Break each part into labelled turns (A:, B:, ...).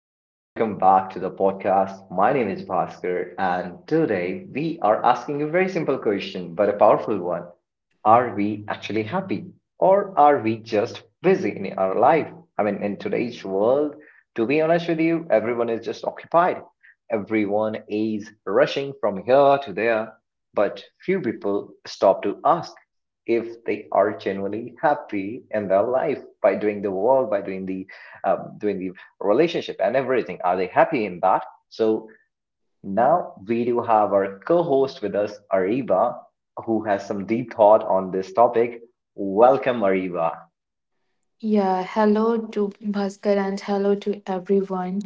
A: Welcome back to the podcast. My name is Bhaskar, and today we are asking a very simple question, but a powerful one. Are we actually happy, or are we just busy in our life? I mean, in today's world, to be honest with you, everyone is just occupied. Everyone is rushing from here to there, but few people stop to ask if they are genuinely happy in their life by doing the work, by doing the relationship and everything. Are they happy in that? So now we do have our co-host with us, Ariba, who has some deep thought on this topic. Welcome, Ariba.
B: Yeah, hello to Bhaskar and hello to everyone.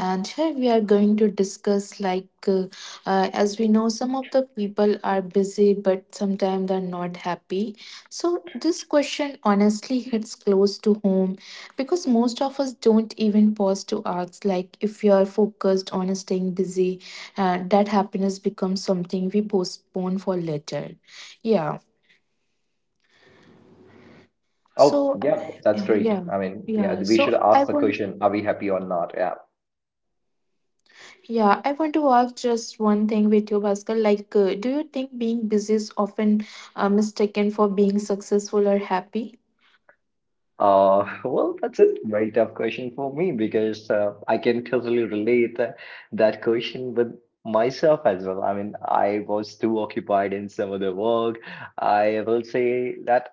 B: And here we are going to discuss like, as we know, some of the people are busy, but sometimes they're not happy. So, this question honestly hits close to home because most of us don't even pause to ask, like, if you're focused on staying busy, that happiness becomes something we postpone for later. Yeah. So,
A: Oh,
B: uh,
A: yeah, that's great.
B: yeah.
A: I mean, yeah,
B: Yeah,
A: we
B: so
A: should
B: I
A: ask the
B: want
A: question, are we happy or not? Yeah.
B: Yeah, I want to ask just one thing with you, Bhaskar. Do you think being busy is often mistaken for being successful or happy?
A: Well, that's a very tough question for me, because I can totally relate that question with myself as well. I mean, I was too occupied in some other work. I will say that.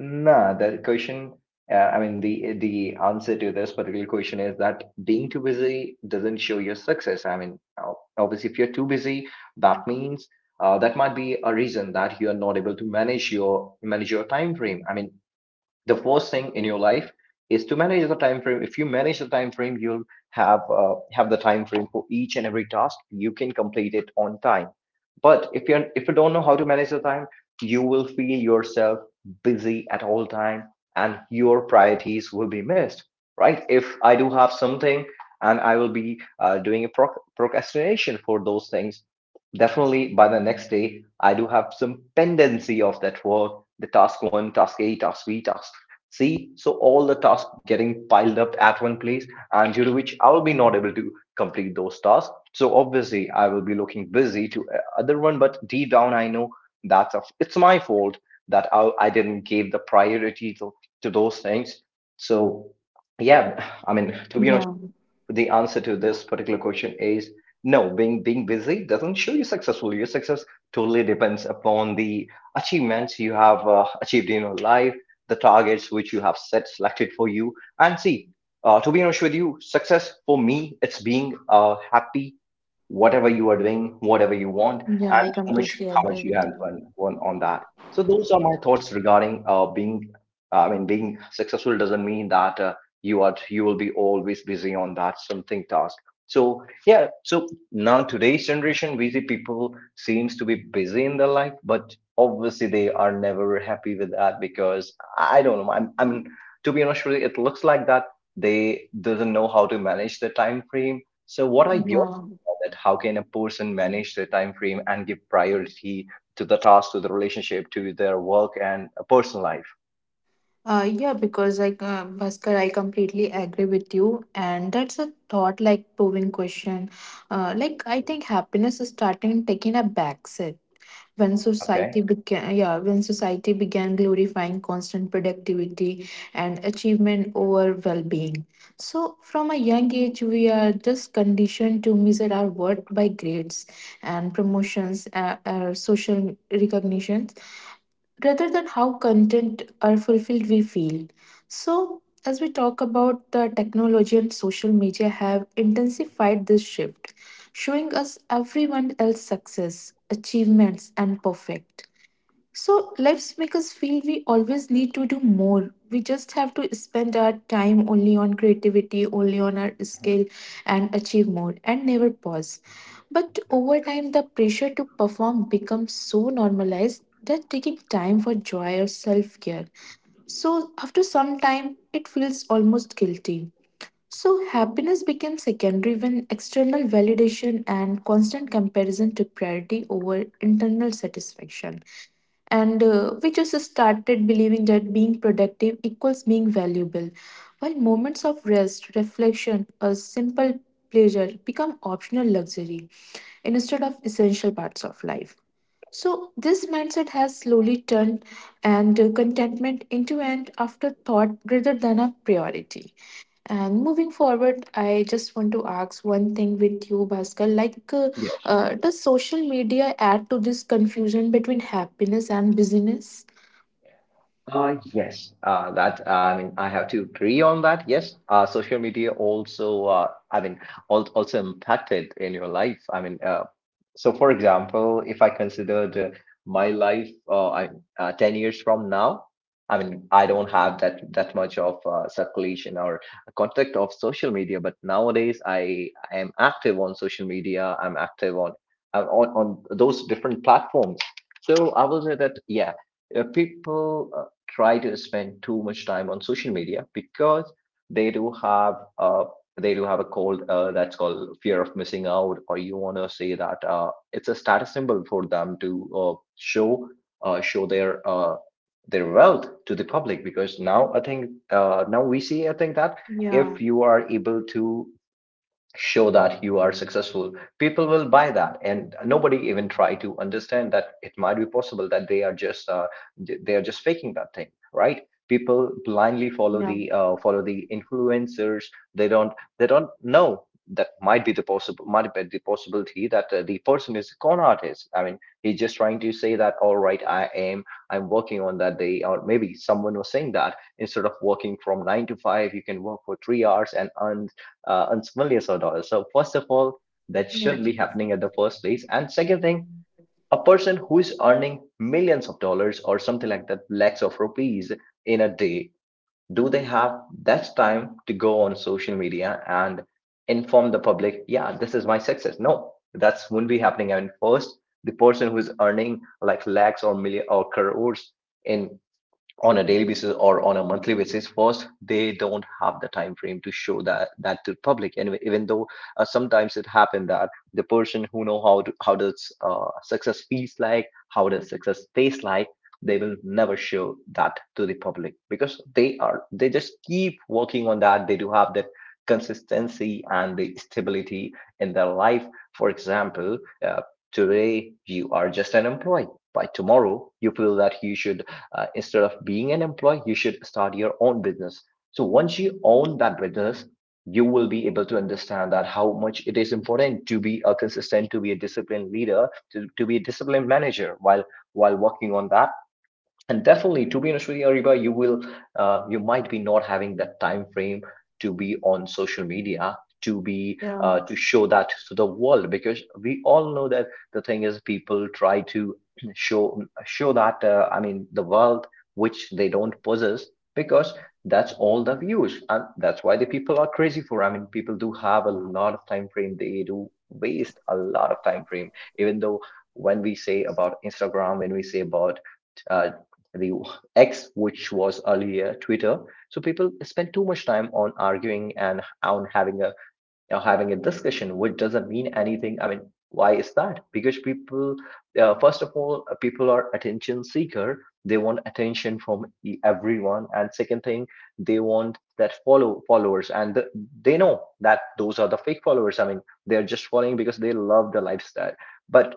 A: No, the question, I mean, the answer to this particular question is that being too busy doesn't show your success. I mean, obviously, if you're too busy, that means that might be a reason that you are not able to manage your time frame. I mean, the first thing in your life is to manage the time frame. If you manage the time frame, you'll have the time frame for each and every task. You can complete it on time. But if you don't know how to manage the time, you will feel yourself busy at all time, and your priorities will be missed. Right? If I do have something, and I will be doing a procrastination for those things, definitely by the next day I do have some pendency of that work. The task, one task, a task, b task. See, so all the tasks getting piled up at one place, and due to which I will be not able to complete those tasks. So obviously, I will be looking busy to other one, but deep down, I know that's a it's my fault, that I didn't give the priority to those things. So yeah, I mean, to be honest,
B: Yeah,
A: the answer to this particular question is no. Being busy doesn't show you successful. Your success totally depends upon the achievements you have achieved in your life, the targets which you have set selected for you. And see, to be honest with you, success for me, it's being happy whatever you are doing, whatever you want,
B: yeah,
A: and
B: I
A: how much
B: completely
A: how much
B: agree
A: you
B: with
A: have
B: you.
A: won on that. So those are my thoughts regarding being, I mean, being successful doesn't mean that you will be always busy on that something task. So yeah, so now today's generation busy people seems to be busy in their life, but obviously they are never happy with that, because I don't know, I'm to be honest with you, it looks like that they doesn't know how to manage the time frame. So what are your
B: Yeah,
A: thoughts about that? How can a person manage the time frame and give priority to the task, to the relationship, to their work, and a personal life?
B: yeah, because like Bhaskar, I completely agree with you, and that's a thought like proving question. Like, I think happiness is starting taking a backseat when
A: Okay.
B: society began yeah when society began glorifying constant productivity and achievement over well-being. So from a young age, we are just conditioned to measure our worth by grades and promotions, social recognitions rather than how content or fulfilled we feel. So, as we talk about, the technology and social media have intensified this shift, showing us everyone else's success, achievements, and perfect. So lives make us feel we always need to do more. We just have to spend our time only on creativity, only on our skill, and achieve more and never pause. But over time, the pressure to perform becomes so normalized that taking time for joy or self care. So after some time, it feels almost guilty. So happiness became secondary when external validation and constant comparison took priority over internal satisfaction, and we just started believing that being productive equals being valuable, while moments of rest, reflection, a simple pleasure become optional luxury instead of essential parts of life. So this mindset has slowly turned and contentment into an afterthought rather than a priority. And moving forward, I just want to ask one thing with you, Bhaskar.
A: Yes.
B: Does social media add to this confusion between happiness and busyness?
A: Yes, that I mean, I have to agree on that. Yes, social media also, I mean, al also impacted in your life. I mean, so for example, if I considered my life, 10 years from now, I mean, I don't have that much of circulation or contact of social media, but nowadays I am active on social media. I'm active on those different platforms. So I will say that, yeah, people try to spend too much time on social media, because they do have uh, they do have a cold, that's called fear of missing out, or you want to say that it's a status symbol for them to show their wealth to the public. Because now I think, now we see, I think that
B: Yeah,
A: if you are able to show that you are successful, people will buy that, and nobody even try to understand that it might be possible that they are just faking that thing. Right? People blindly follow
B: yeah,
A: the influencers. They don't, they don't know that might be the possibility that the person is a con artist. I mean, he's just trying to say that, all right, I'm working on that day. Or maybe someone was saying that instead of working from 9 to 5 you can work for 3 hours and earn on millions of dollars. So first of all, that
B: yeah,
A: should be happening at the first place. And second thing, a person who is earning millions of dollars or something like that, lakhs of rupees in a day, do they have that time to go on social media and inform the public, yeah, this is my success? No, that's will not be happening. I mean, first, the person who is earning like lakhs or million or crores in, on a daily basis or on a monthly basis, first they don't have the time frame to show that to the public. And even though, sometimes it happened that the person who know how does success feels like, how does success taste like, they will never show that to the public, because they just keep working on that. They do have that consistency and the stability in their life. For example, uh, today you are just an employee. By tomorrow, you feel that you should, instead of being an employee, you should start your own business. So once you own that business, you will be able to understand that how much it is important to be a consistent, to be a disciplined leader, to be a disciplined manager while working on that. And definitely, to be honest with you, Ariba, you will, you might be not having that time frame to be on social media,
B: yeah,
A: to show that to the world, because we all know that the thing is, people try to show that, I mean, the world which they don't possess. Because that's all the views, and that's why the people are crazy for. I mean, people do have a lot of time frame. They do waste a lot of time frame. Even though, when we say about Instagram, when we say about uh, the X, which was earlier Twitter. So people spend too much time on arguing and on having a, you know, having a discussion, which doesn't mean anything. I mean, why is that? Because people, first of all, people are attention seeker. They want attention from everyone, and second thing, they want that followers, and they know that those are the fake followers. I mean, they're just following because they love the lifestyle. But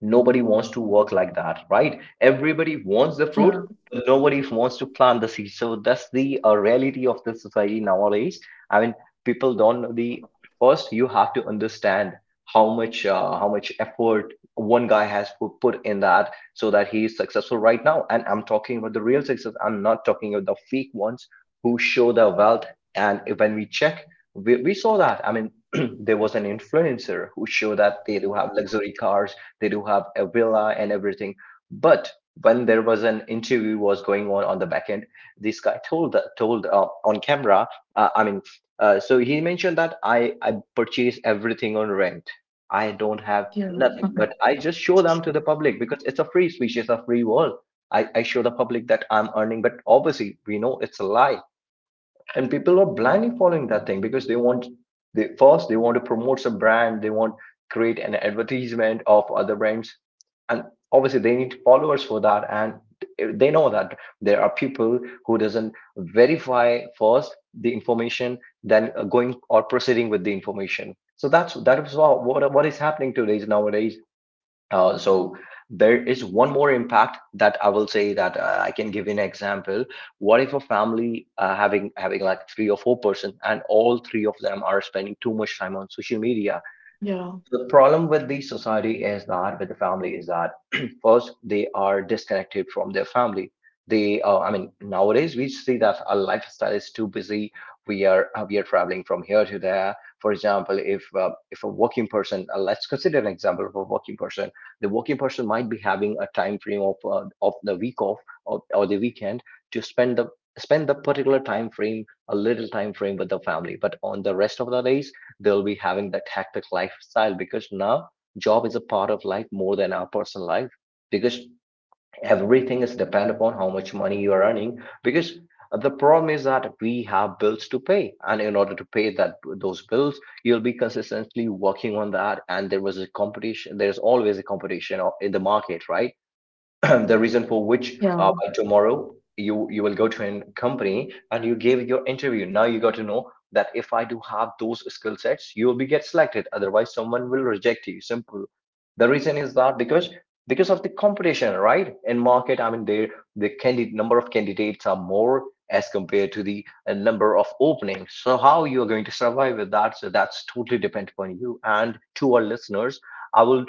A: nobody wants to work like that, right? Everybody wants the fruit,
B: yeah,
A: but nobody wants to plant the seed. So that's the reality of the society nowadays. I mean, people don't know the first. You have to understand how much, how much effort one guy has put in that, so that he is successful right now. And I'm talking about the real success. I'm not talking about the fake ones who show their wealth. And if, when we check, we saw that. I mean, there was an influencer who showed that they do have luxury cars, they do have a villa and everything. But when there was an interview was going on the back end, this guy told on camera. I mean, so he mentioned that I purchase everything on rent. I don't have
B: yeah,
A: nothing, but I just show them to the public, because it's a free speech, it's a free world. I show the public that I'm earning, but obviously we know it's a lie. And people are blindly following that thing, because they want, they first they want to promote some brand, they want create an advertisement of other brands. And obviously they need followers for that. And they know that there are people who doesn't verify first the information then going or proceeding with the information. So that is what, what is happening today nowadays. So there is one more impact that I will say, that I can give you an example. What if a family, having like three or four person, and all three of them are spending too much time on social media?
B: yeah,
A: The problem with the society is that with the family is that first they are disconnected from their family. Nowadays we see that our lifestyle is too busy. We are traveling from here to there. For example, if a working person, let's consider an example of a working person. The working person might be having a time frame of the week off or the weekend to spend the particular time frame a little time frame with the family, but on the rest of the days they'll be having that hectic lifestyle, because now job is a part of life more than our personal life, because everything is depend upon how much money you are earning, because the problem is that we have bills to pay, and in order to pay that those bills you'll be consistently working on that. And there was a competition, there's always a competition in the market, right? The reason for which, by tomorrow you will go to a company and you gave your interview. Now you got to know that if I do have those skill sets, you will be get selected, otherwise someone will reject you, simple. The reason is that because of the competition, right, in market. I mean, there the candidate number of candidates are more as compared to the number of openings. So how you are going to survive with that? So that's totally depend upon you. And to our listeners, I will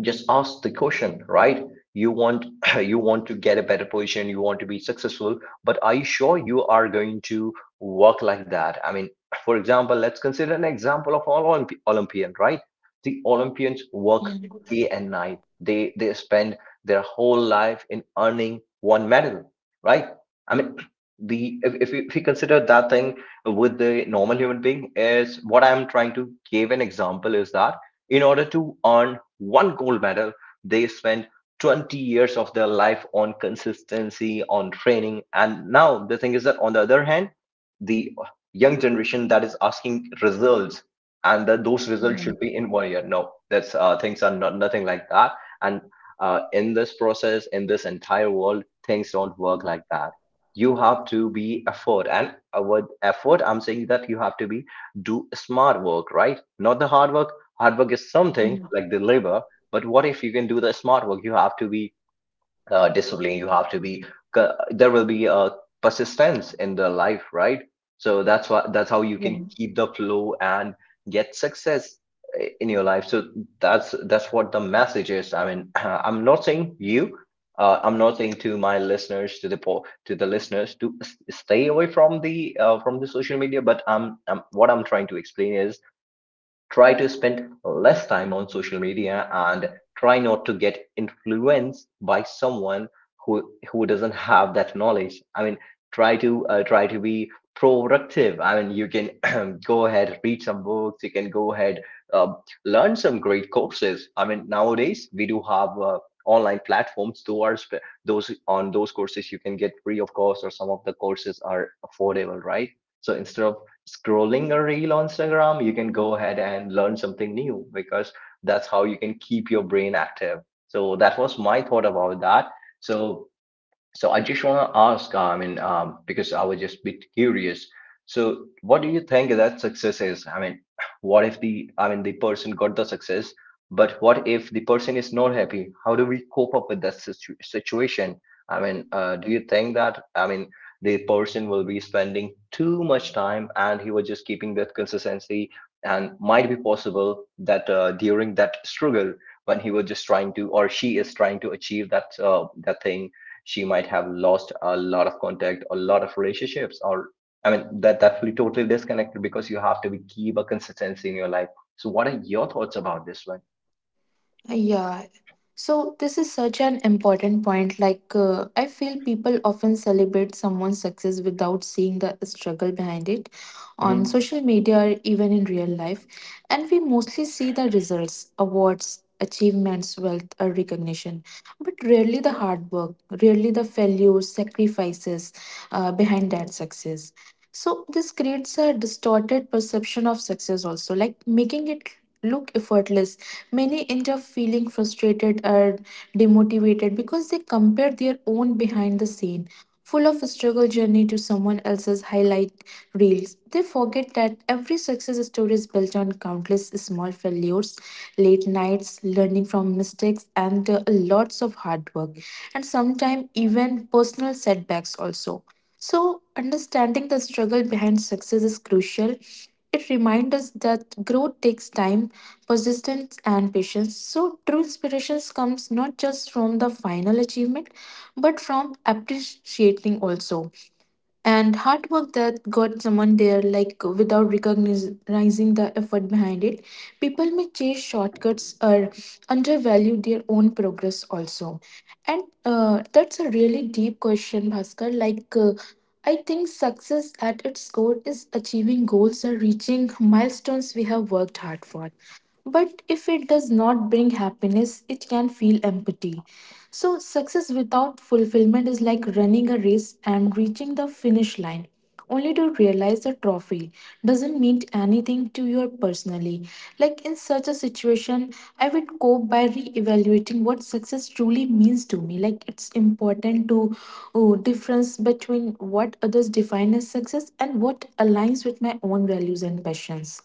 A: just ask the question, right? You want you want to get a better position, you want to be successful, but are you sure you are going to work like that? I mean, for example, let's consider an example of all olympian, right? The olympians work
B: yeah,
A: day and night, they spend their whole life in earning one medal, right? I mean, the if you consider that thing with the normal human being, is what I'm trying to give an example, is that in order to earn one gold medal, they spent 20 years of their life on consistency, on training. And now the thing is that, on the other hand, the young generation that is asking results, and that those results
B: yeah,
A: should be in 1 year. No, that's things are not, nothing like that. And in this process, in this entire world, things don't work like that. You have to be effort, and with effort, I'm saying that you have to be do smart work, right? Not the hard work is something
B: yeah,
A: like the labor. But what if you can do the smart work? You have to be disciplined, you have to be there will be a persistence in the life, right? So that's what, that's how you
B: yeah.
A: can keep the flow and get success in your life. So that's what the message is. I mean, I'm not saying you I'm not saying to my listeners, to the to the listeners to stay away from the social media, but I am what I'm trying to explain is, try to spend less time on social media and try not to get influenced by someone who doesn't have that knowledge. I mean, try to try to be productive. I mean, you can go ahead, read some books. You can go ahead uh, learn some great courses. I mean, nowadays we do have online platforms. Towards those on those courses, you can get free of course, or some of the courses are affordable, right? So instead of scrolling a reel on Instagram, you can go ahead and learn something new, because that's how you can keep your brain active. So that was my thought about that. So so I just want to ask, I mean, because I was just a bit curious. So what do you think that success is? I mean, what if I mean, the person got the success, but what if the person is not happy? How do we cope up with that situation? I mean, do you think that, I mean, the person will be spending too much time and he was just keeping that consistency, and might be possible that during that struggle when he was just trying to, or she is trying to achieve that that thing, she might have lost a lot of contact, a lot of relationships, or I mean that that will be totally disconnected because you have to be, keep a consistency in your life. So what are your thoughts about this one?
B: Yeah. So this is such an important point. I feel people often celebrate someone's success without seeing the struggle behind it on
A: Mhm.
B: social media or even in real life. And we mostly see the results, awards, achievements, wealth, or recognition, but rarely the hard work, rarely the failures, sacrifices behind that success. So this creates a distorted perception of success also, like making it look effortless. Many end up feeling frustrated or demotivated because they compare their own behind the scene, full of struggle journey to someone else's highlight reels. They forget that every success story is built on countless small failures, late nights, learning from mistakes, and lots of hard work, and sometimes even personal setbacks also. So, understanding the struggle behind success is crucial. It reminds us that growth takes time, persistence, and patience. So true inspiration comes not just from the final achievement, but from appreciating also and hard work that got someone there. Like without recognizing the effort behind it, people may chase shortcuts or undervalue their own progress also. And that's a really deep question, Bhaskar. I think success at its core is achieving goals or reaching milestones we have worked hard for, but if it does not bring happiness, it can feel empty. So, success without fulfillment is like running a race and reaching the finish line, only to realize the trophy doesn't mean anything to you personally. Like, in such a situation, I would cope by re evaluating what success truly means to me. Like, it's important to difference between what others define as success and what aligns with my own values and passions.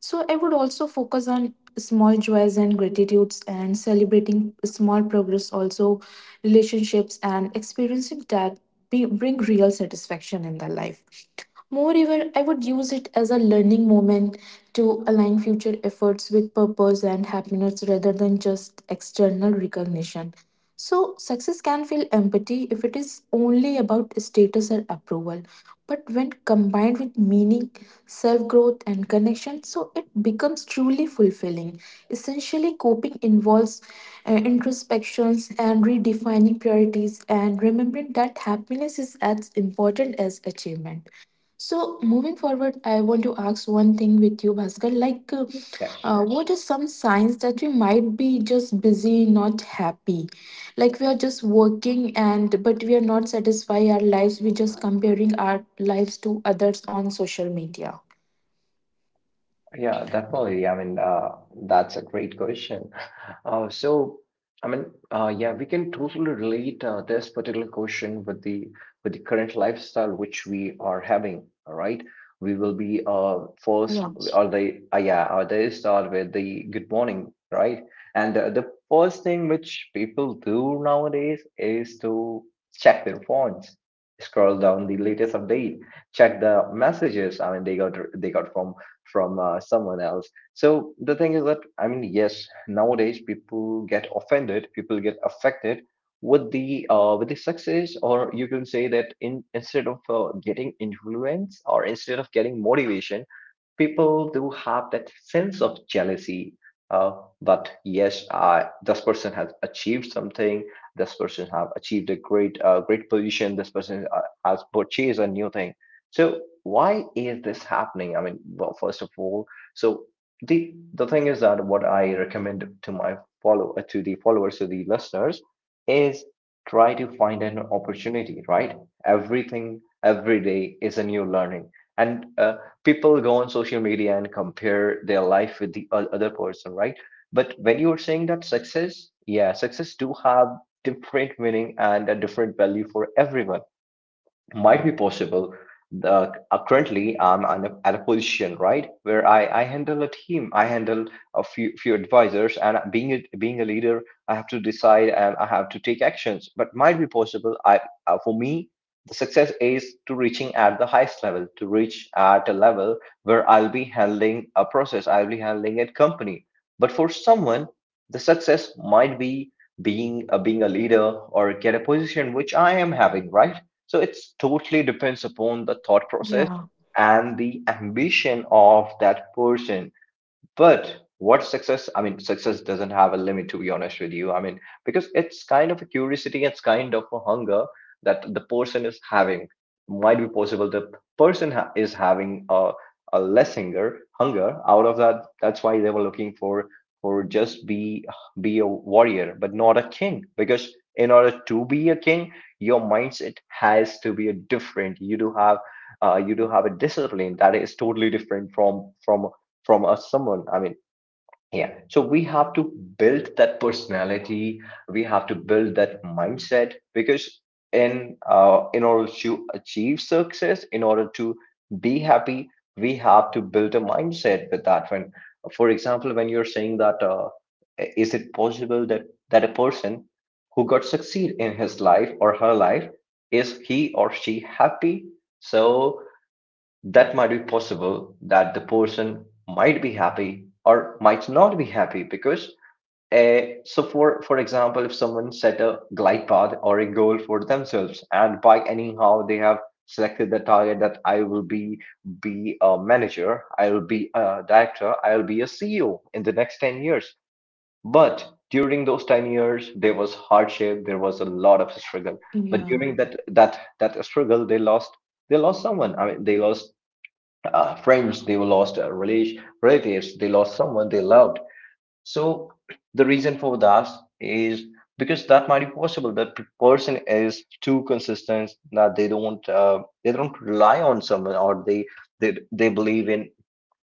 B: So I would also focus on small joys and gratitudes and celebrating small progress, also relationships and experiencing that be, bring real satisfaction in their life. Moreover, I would use it as a learning moment to align future efforts with purpose and happiness rather than just external recognition. So, success can feel empty if it is only about status or approval. But when combined with meaning, self growth, and connection, so it becomes truly fulfilling. Essentially, coping involves introspections and redefining priorities and remembering that happiness is as important as achievement. So moving forward, I want to ask one thing with you, Bhaskar.
A: Yeah.
B: What are some signs that we might be just busy, not happy? Like we are just working and but we are not satisfying our lives. We just comparing our lives to others on social media.
A: Yeah, definitely. I mean, that's a great question. So, I mean, yeah, we can totally relate this particular question with the current lifestyle which we are having. All right, we will be first
B: Yeah.
A: or the yeah, or they start with the good morning, right? And the first thing which people do nowadays is to check their phones, scroll down the latest update, check the messages. I mean, they got from someone else. So the thing is that, I mean, yes, nowadays people get offended, people get affected with the success, or you can say that in instead of getting influence, or instead of getting motivation, people do have that sense of jealousy. uh, but yes, I, this person has achieved something, this person have achieved a great great position, this person has purchased a new thing. So why is this happening? I mean, well, first of all, so the thing is that what I recommend to my follow to the followers, to the listeners, is try to find an opportunity, right? Everything every day is a new learning. And people go on social media and compare their life with the other person, right? But when you were saying that success, yeah, success do have different meaning and a different value for everyone. Might be possible. Currently, I'm on at a position right where I handle a team, I handle a few advisors, and being a leader, I have to decide and I have to take actions. But might be possible. I For me, the success is to reaching at the highest level, to reach at a level where I'll be handling a process, I'll be handling a company. But for someone, the success might be being a leader, or get a position which I am having, right? So it's totally depends upon the thought process
B: Yeah.
A: and the ambition of that person. But what success? I mean, success doesn't have a limit, to be honest with you. I mean, because it's kind of a curiosity, it's kind of a hunger that the person is having. Might be possible the person is having a less hunger, hunger out of that. That's why they were looking for just be a warrior, but not a king. Because in order to be a king, your mindset has to be a different. You do have a discipline that is totally different from us someone, I mean, yeah, so we have to build that personality, we have to build that mindset, because in in order to achieve success, in order to be happy, we have to build a mindset with that. When, for example, when you're saying that is it possible that a person who got succeed in his life or her life, is he or she happy? So that might be possible that the person might be happy or might not be happy, because so for example, if someone set a glide path or a goal for themselves, and by anyhow they have selected the target that I will be a manager, I will be a director, I will be a CEO in the next 10 years, but during those 10 years there was hardship, there was a lot of struggle. But
B: Yeah.
A: during that struggle they lost, they lost someone. I mean, they lost friends, they lost relation, relatives, they lost someone they loved. So the reason for that is because that might be possible that person is too consistent that they don't rely on someone, or they believe in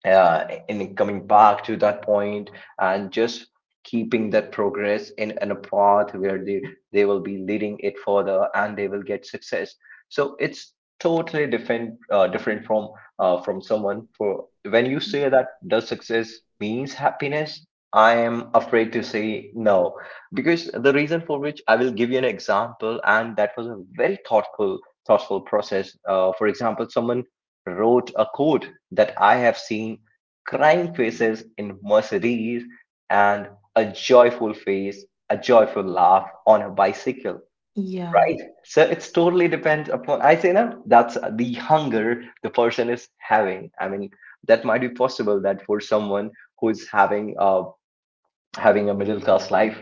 A: And coming back to that point and just keeping that progress in a path where they will be leading it further and they will get success. So it's totally different, different from someone. For when you say that does success means happiness, I am afraid to say no, because the reason for which I will give you an example, and that was a very thoughtful process. For example, someone wrote a code that I have seen crying faces in Mercedes, and a joyful face, a joyful laugh on a bicycle,
B: Yeah.
A: right? So it's totally depends upon, I say no, that's the hunger the person is having. I mean, that might be possible that for someone who's having a middle class life,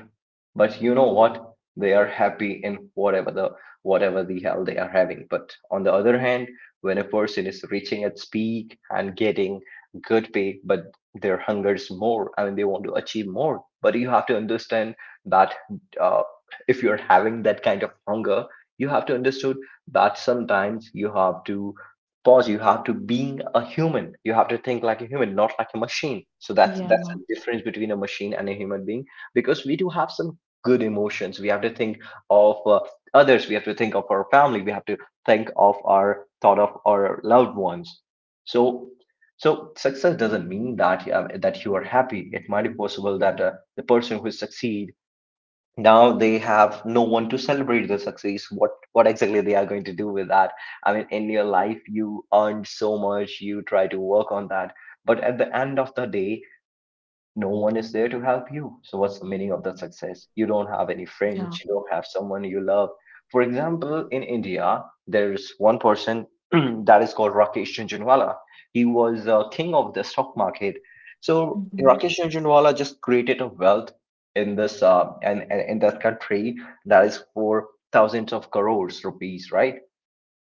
A: but you know what, they are happy in whatever the hell they are having. But on the other hand, when a person is reaching its peak and getting good pay, but their hungers more, I mean they want to achieve more. But you have to understand that uh, if you're having that kind of hunger, you have to understood that sometimes you have to pause, you have to being a human, you have to think like a human, not like a machine. So that's
B: Yeah.
A: that's the difference between a machine and a human being, because we do have some good emotions. We have to think of others, we have to think of our family, we have to think of our thought of our loved ones. So so success doesn't mean that that you are happy. It might be possible that the person who succeed, now they have no one to celebrate the success. What exactly they are going to do with that? I mean, in your life you earned so much, you try to work on that, but at the end of the day, no one is there to help you. So what's the meaning of that success? You don't have any friends,
B: Yeah.
A: you don't have someone you love. For example, in India, there's one person that is called Rakesh Jhunjhunwala. He was a king of the stock market. So
B: Mhm.
A: Rakesh Jhunjhunwala just created a wealth in this and in that country, that is for thousands of crores rupees, right?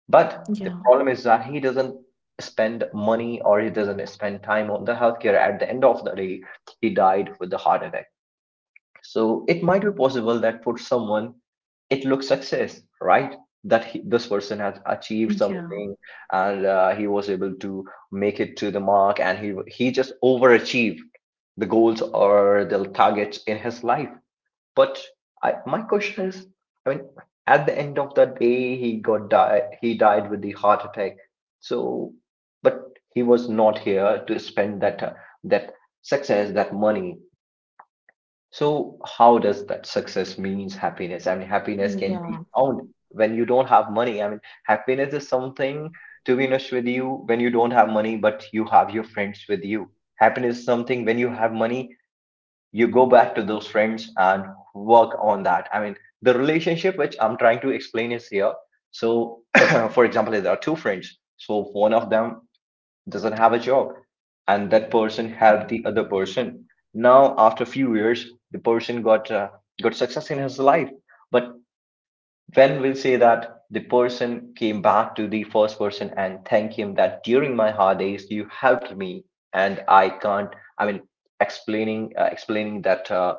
A: But the
B: Yeah.
A: problem is that he doesn't spend money, or he doesn't spend time on the healthcare. At the end of the day, he died with a heart attack. So it might be possible that for someone, it looks success, right? That he, this person has achieved
B: Yeah.
A: something and he was able to make it to the mark, and he just overachieved the goals or the targets in his life. But I, my question is, I mean, at the end of the day, he got died. He died with the heart attack. So, but he was not here to spend that, that success, that money. So how does that success means happiness? I mean, happiness can be
B: Yeah.
A: found when you don't have money. I mean, happiness is something, to be honest with you, when you don't have money, but you have your friends with you. Happiness is something when you have money, you go back to those friends and work on that. I mean, the relationship which I'm trying to explain is here. So for example, there are two friends. So one of them doesn't have a job, and that person helped the other person. Now after a few years, the person got success in his life. But when we'll say that the person came back to the first person and thank him that during my hard days you helped me, and I can't, I mean, explaining explaining that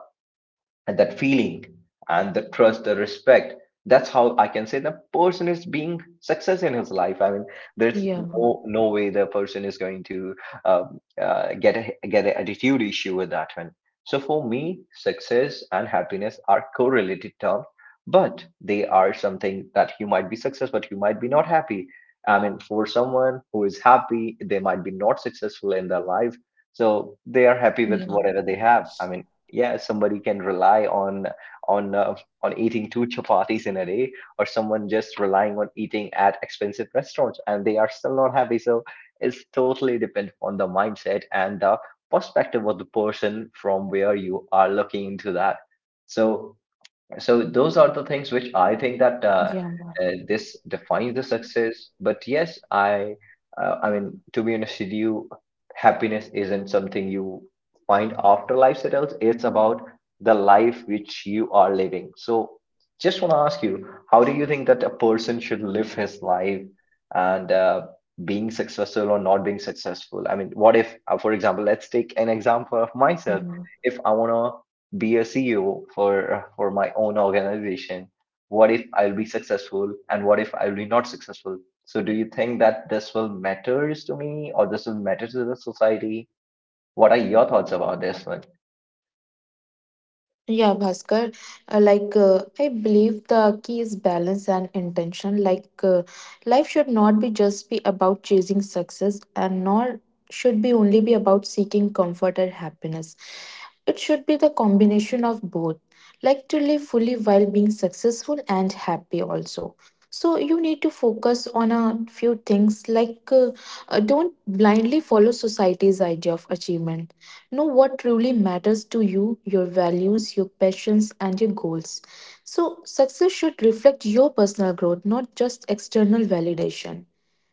A: and that feeling and the trust, the respect, that's how I can say the person is being success in his life. I mean, there's
B: Yeah.
A: no way the person is going to get a get an attitude issue with that one. So for me, success and happiness are correlated terms, but they are something that you might be success but you might be not happy. I mean, for someone who is happy, they might be not successful in their life, so they are happy with
B: Yeah.
A: whatever they have. I mean, yeah, somebody can rely on on uh, on eating two chapatis in a day, or someone just relying on eating at expensive restaurants, and they are still not happy. So it's totally dependent on the mindset and the perspective of the person, from where you are looking into that. So so those are the things which I think that
B: Yeah.
A: this defines the success. But yes, I mean, to be honest with you, happiness isn't something you find after life settles. It's about the life which you are living. So just want to ask you, how do you think that a person should live his life, and being successful or not being successful? I mean, what if, for example, let's take an example of myself.
B: Mhm.
A: If I want be a CEO for my own organization? What if I'll be successful and what if I'll be not successful? So do you think that this will matters to me, or this will matter to the society? What are your thoughts about this one?
B: Yeah, Bhaskar, like I believe the key is balance and intention. Life should not be just be about chasing success and nor should be only be about seeking comfort or happiness. It should be the combination of both. Like to live fully while being successful and happy also. So you need to focus on a few things like don't blindly follow society's idea of achievement. Know what truly matters to you, your values, your passions, and your goals. So, success should reflect your personal growth, not just external validation.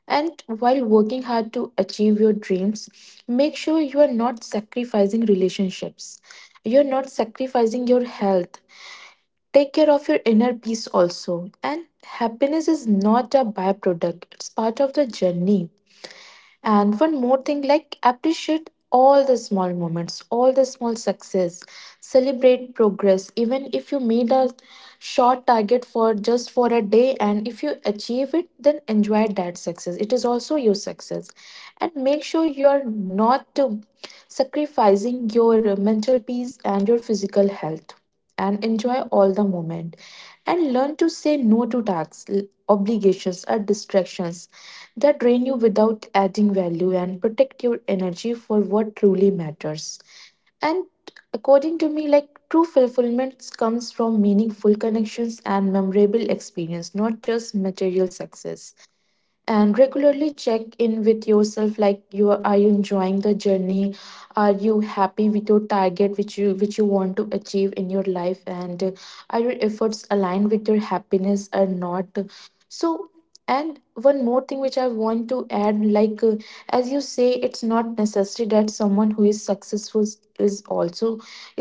B: And while working hard to achieve your dreams, make sure you are not sacrificing relationships. You're not sacrificing your health. Take care of your inner peace also. And happiness is not a byproduct, it's part of the journey. And one more thing, like appreciate all the small moments, all the small success, celebrate progress. Even if you made a short target for just for a day, and if you achieve it, then enjoy that success. It is also your success, and make sure you are not sacrificing your mental peace and your physical health. And enjoy all the moment, and learn to say no to tasks, obligations, or distractions that drain you without adding value and protect your energy for what truly matters. And according to me, like true fulfillment comes from meaningful connections and memorable experience, not just material success. And regularly check in with yourself, like you are you enjoying the journey, are you happy with your target which you want to achieve in your life, and are your efforts aligned with your happiness or not. So and one more thing which I want to add, like as you say, it's not necessary that someone who is successful is also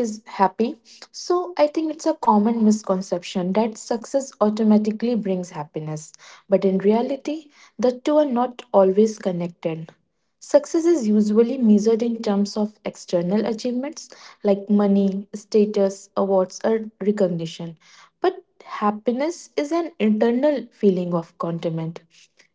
B: is happy. So I think it's a common misconception that success automatically brings happiness, but in reality the two are not always connected. Success is usually measured in terms of external achievements like money, status, awards, or recognition. But happiness is an internal feeling of contentment,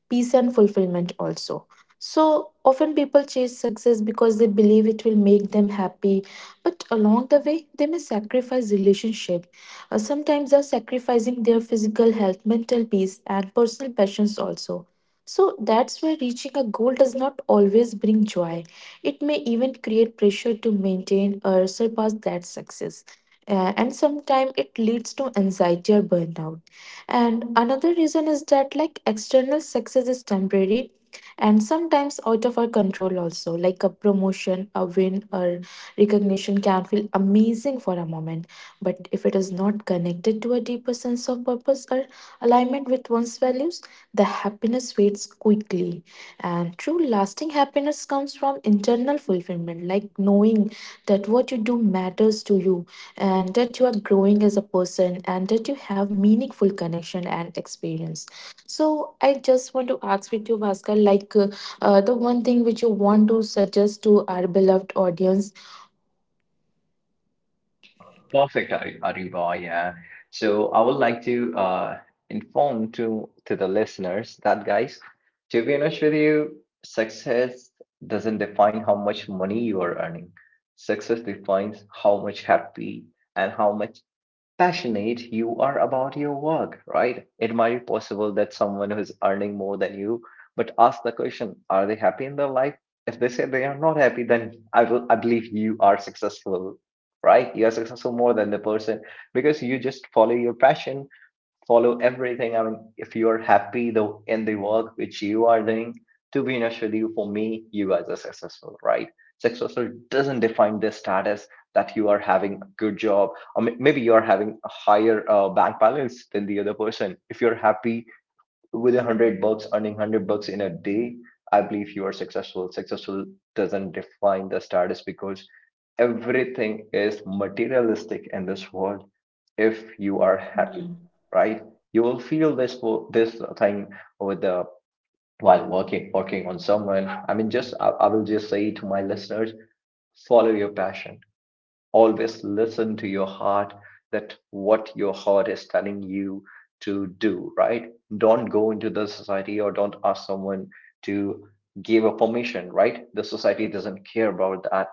B: peace, and fulfillment also. So often people chase success because they believe it will make them happy, but along the way, they may sacrifice relationship. Sometimes they're sacrificing their physical health, mental peace, and personal passions also. So that's why reaching a goal does not always bring joy. It may even create pressure to maintain or surpass that success. And sometimes it leads to anxiety or burnout. And another reason is that like external success is temporary and sometimes out of our control also, like a promotion, a win, or recognition can feel amazing for a moment, but if it is not connected to a deeper sense of purpose or alignment with one's values, the happiness fades quickly. And true lasting happiness comes from internal fulfillment, like knowing that what you do matters to you and that you are growing as a person and that you have meaningful connection and experience. So I just want to ask with you, Bhaskar, like the one thing which you want to suggest to our beloved audience.
A: Uh, perfect, Ariba. Yeah. So I would like to inform to the listeners that, guys, to be honest with you, success doesn't define how much money you are earning. Success defines how much happy and how much passionate you are about your work, right? It might be possible that someone who's earning more than you, but ask the question, are they happy in their life? If they say they are not happy, then I will, I believe you are successful, right? You are successful more than the person, because you just follow your passion, follow everything. I mean, if you are happy though in the work which you are doing, to be honest with you, for me, you guys are successful, right? Successful doesn't define the status that you are having a good job, or maybe you are having a higher bank balance than the other person. If you're happy with $100, earning $100 in a day, I believe you are successful. Successful doesn't define the status, because everything is materialistic in this world. If you are happy, right? You will feel this thing with the while working on someone. I mean, just I will just say to my listeners, follow your passion. Always listen to your heart, that what your heart is telling you to do, right? Don't go into the society, or don't ask someone to give a permission, right? The society doesn't care about that.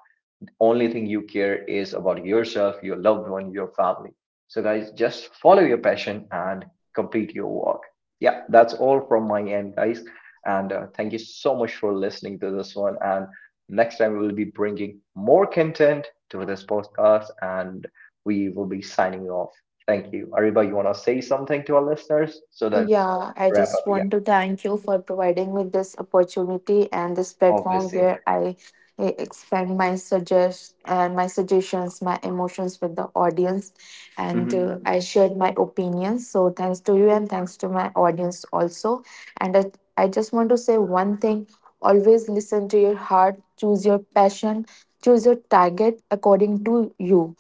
A: Only thing you care is about yourself, your loved one, your family. So, guys, just follow your passion and complete your work. Yeah, that's all from my end, guys. And thank you so much for listening to this one. And next time, we'll be bringing more content to this podcast, and we will be signing off. Thank you. Ariba, you want to say something to our listeners so that
B: Yeah, I
A: we wrap up?
B: just
A: Yeah,
B: want to thank you for providing me this opportunity and this platform
A: obviously.
B: where I eh, expand my suggest my suggestions, my emotions with the audience, and
A: Mhm.
B: I shared my opinions. So thanks to you and thanks to my audience also. And I, I just want to say one thing: always listen to your heart, choose your passion, choose your target according to you.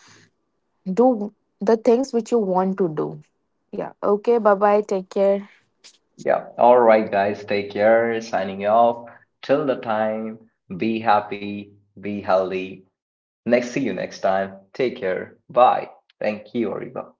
B: Do the things which you want to do. Yeah. Okay. Bye bye. Take care.
A: Yeah. All right, guys. Take care. Signing off. Till the time, be happy, be healthy. Next, see you next time. Take care. Bye. Thank you, Ariba.